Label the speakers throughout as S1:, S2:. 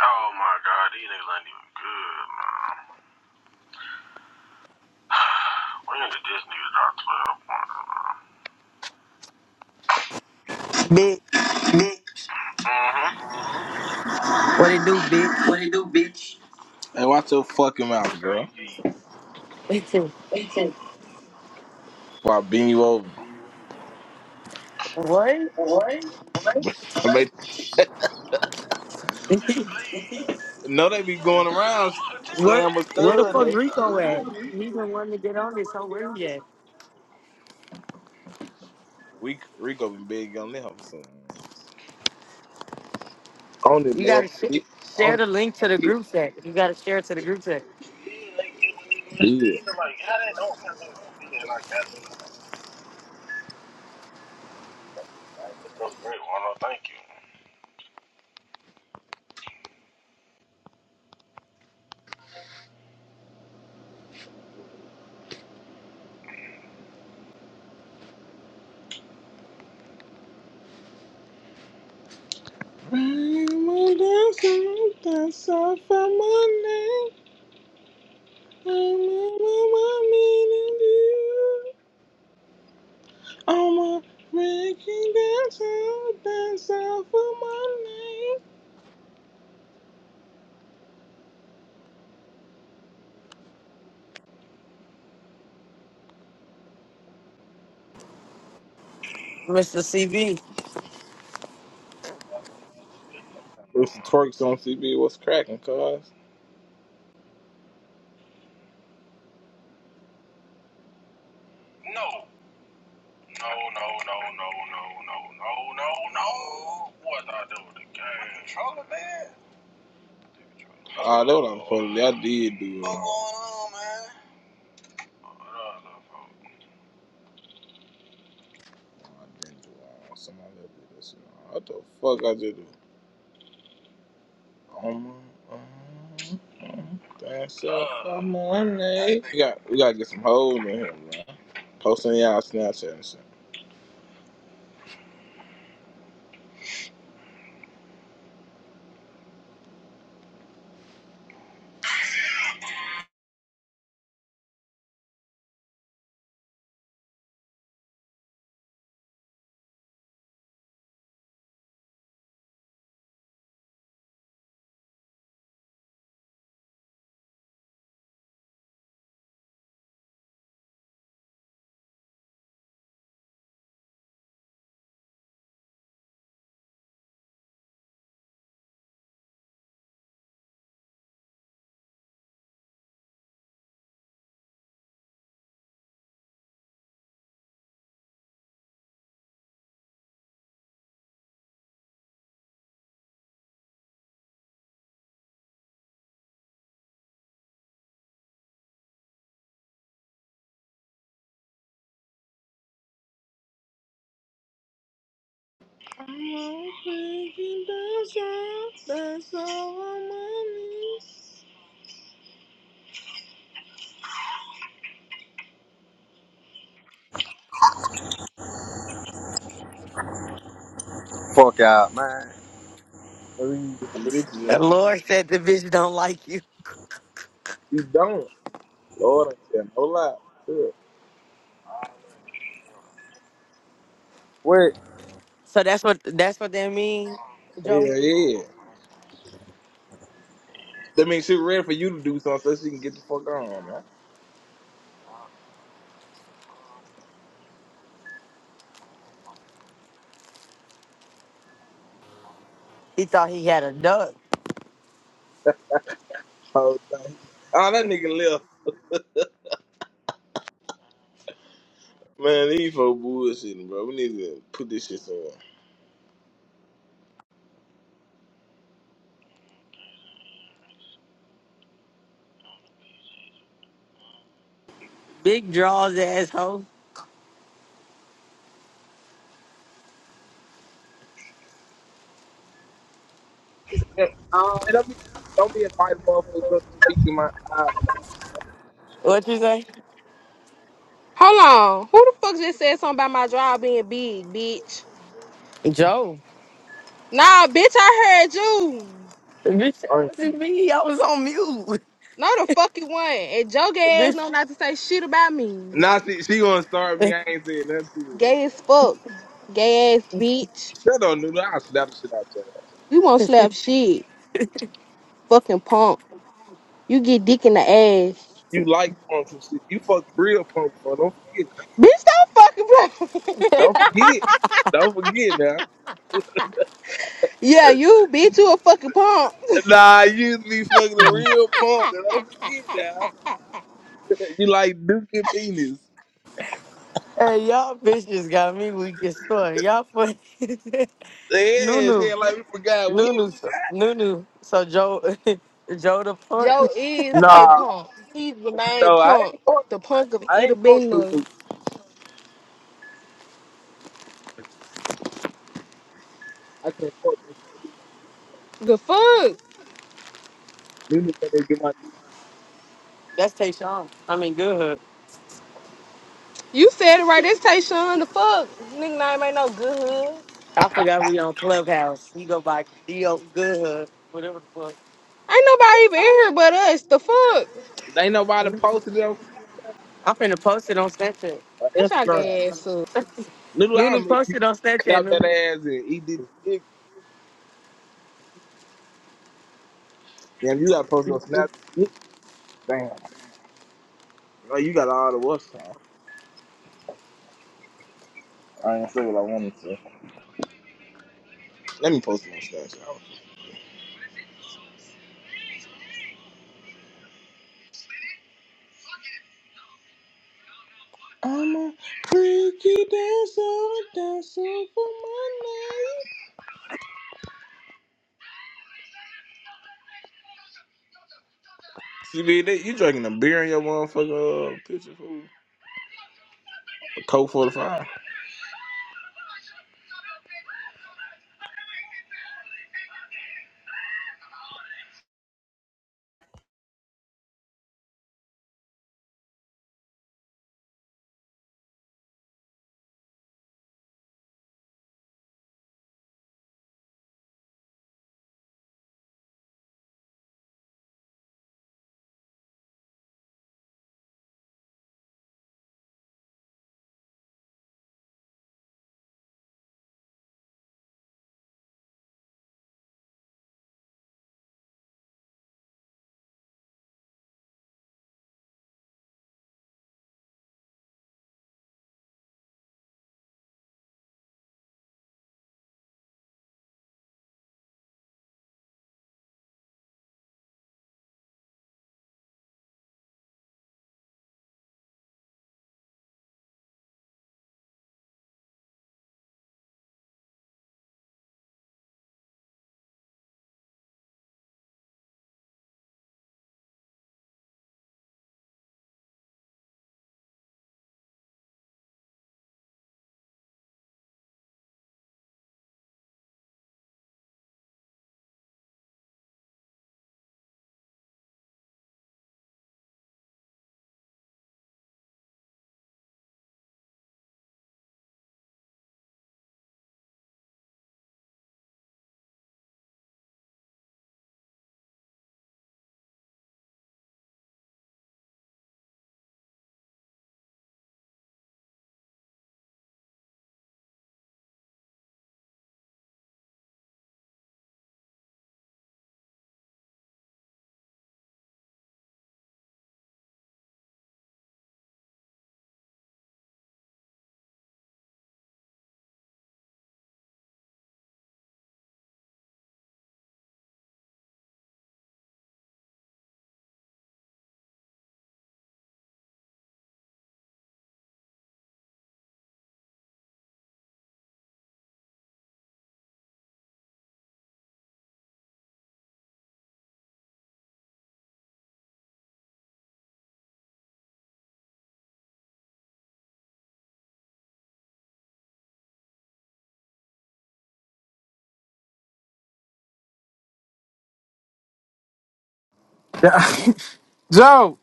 S1: Oh my god, these niggas
S2: Bitch. What it do, bitch?
S1: ain't even good, man. When did this nigga drop 12 points? Mm-hmm. What he do, bitch? Hey, watch your fucking mouth, girl. Before I bend you over.
S2: what?
S1: What? I made, no, they be going around
S2: where
S1: slam a
S2: where the
S1: stud,
S2: fuck
S1: they.
S2: Rico at? He's the one to get on this whole where he at?
S1: We Rico been big on them, so I don't even
S2: You
S1: know
S2: gotta
S1: if I
S2: sh-
S1: did. I
S2: share
S1: don't even
S2: the link
S1: know if I
S2: to the group chat. You gotta share it to the group chat.
S1: did. Yeah. Like, how that don't come in? Yeah, like, that's that's so great. Well, no, thank you. It's
S2: Mr. CV.
S1: the twerks on CB. What's cracking, cuz? No, no, no, no, no, no, no, no, no, no. What I do with the game? Controller, man. I know what I'm supposed to do. I did do it. What's going on, man? Oh, I love folks. Nah, I didn't do all. Somebody did this. What the fuck I just do? Oh my. oh, oh, That's up for money. We got we gotta get some hoes in here, man. Posting y'all Snapchat and shit. Oh, money.
S3: Fuck out, man.
S1: So we can get some bitches
S2: The
S1: in.
S2: Lord said the bitch don't like you.
S1: We don't. Lord, I tell no lie. Sure.
S3: What?
S2: So that's what that's what that mean, Joe?
S1: Hell yeah. That means she ready for you to do something so she can get the fuck on, man.
S2: He thought he had a duck.
S1: Whole time. Oh, that nigga left. Man, these folks bullshitting, bro. We need to put this shit somewhere.
S2: Big draws asshole.
S4: Um,
S1: Man, don't be don't be inviting motherfuckers up to speak in my eyes.
S2: What you say?
S4: hold on. Who the fuck just said something about my drive being big, bitch?
S2: Joe.
S4: Nah, bitch, I heard you.
S2: Bitch, that
S1: Honestly.
S2: wasn't me. I was on mute.
S4: No, the fuck you want. And your gay ass know not to say shit about me.
S1: Now she she gonna start me.
S2: Bitch.
S1: I ain't saying nothing to
S4: Gay as fuck. Gay ass bitch.
S1: her. Shut up, Nuno. I'll slap the shit out your ass.
S4: You won't slap shit. Fucking punk. You get dick in the ass.
S1: You like punks and shit. You fucked real punk before. Don't forget now.
S4: Bitch, don't fucking play.
S1: Don't forget. Don't forget now.
S4: yeah, you, bitch, you a fucking punk.
S1: Nah, you used to be fucking a real punk. Don't forget now. you like Duke and Penis.
S2: Hey, y'all bitches got me weak as fuck. Y'all funny.
S1: Yeah,
S2: Nunu.
S1: saying like we forgot. We ain't
S2: Nunu.
S1: forgot.
S2: Nunu. So Joe Joe the punk.
S4: Joe is a
S1: Nah,
S4: punk. He remained
S1: no, I ain't
S4: punk.
S1: fuck.
S4: The punk of
S1: I
S4: Ida
S1: ain't fuck
S4: Bina.
S1: Lulu. I can't fuck Lulu.
S4: The fuck?
S1: Lulu can't even get my dick.
S2: That's Tayshawn. I mean Good Hood.
S4: You said it right. It's Tayshawn. The fuck? Nigga name ain't no good hood.
S2: I forgot we on Clubhouse. He go by D.O. Good Hood. Whatever the
S4: Ain't nobody even in here but us. The fuck?
S1: Ain't nobody
S2: fuck.
S1: posted it on Snapchat
S2: I'm finna post it on Snapchat.
S1: or
S4: Shut y'all
S1: Instagram.
S4: gay ass up.
S1: Noodle, I'll
S2: Nunu
S1: make you
S2: posted on Snapchat,
S1: clap that
S2: Nunu.
S1: ass and eat this dick. Damn, you gotta post it on Snapchat. Damn. Oh, you got all the what's on. I ain't say what I wanted to. Let me post it on Snapchat. I'm a freaky dancer, dancing for my life. CB, that- you drinking a beer in your motherfucking uh, picture, fool. A Coke 45.
S5: Yeah, Joe,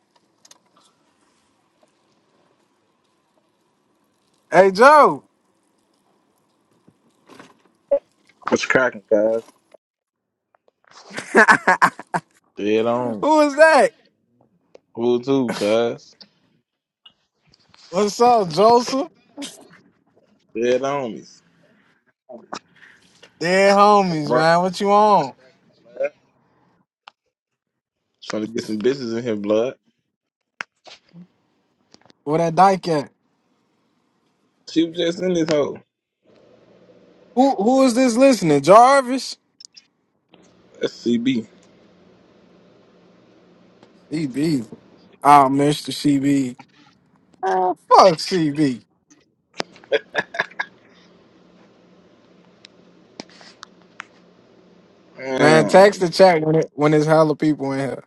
S5: hey Joe,
S1: What's cracking, guys? Dead on.
S5: who is that?
S1: Who too, cuz?
S5: What's up, Joseph?
S1: Dead on
S5: Dead homies,
S1: me.
S5: man. What you on?
S1: Trying to get some bitches in here, blood.
S5: Where that dyke at?
S1: She was just in this hole.
S5: Who who is this listening? Jarvis?
S1: That's CB.
S5: CB. Oh, Mr. CB. Ah, fuck CB. Man, text the chat when it when there's hella people in here.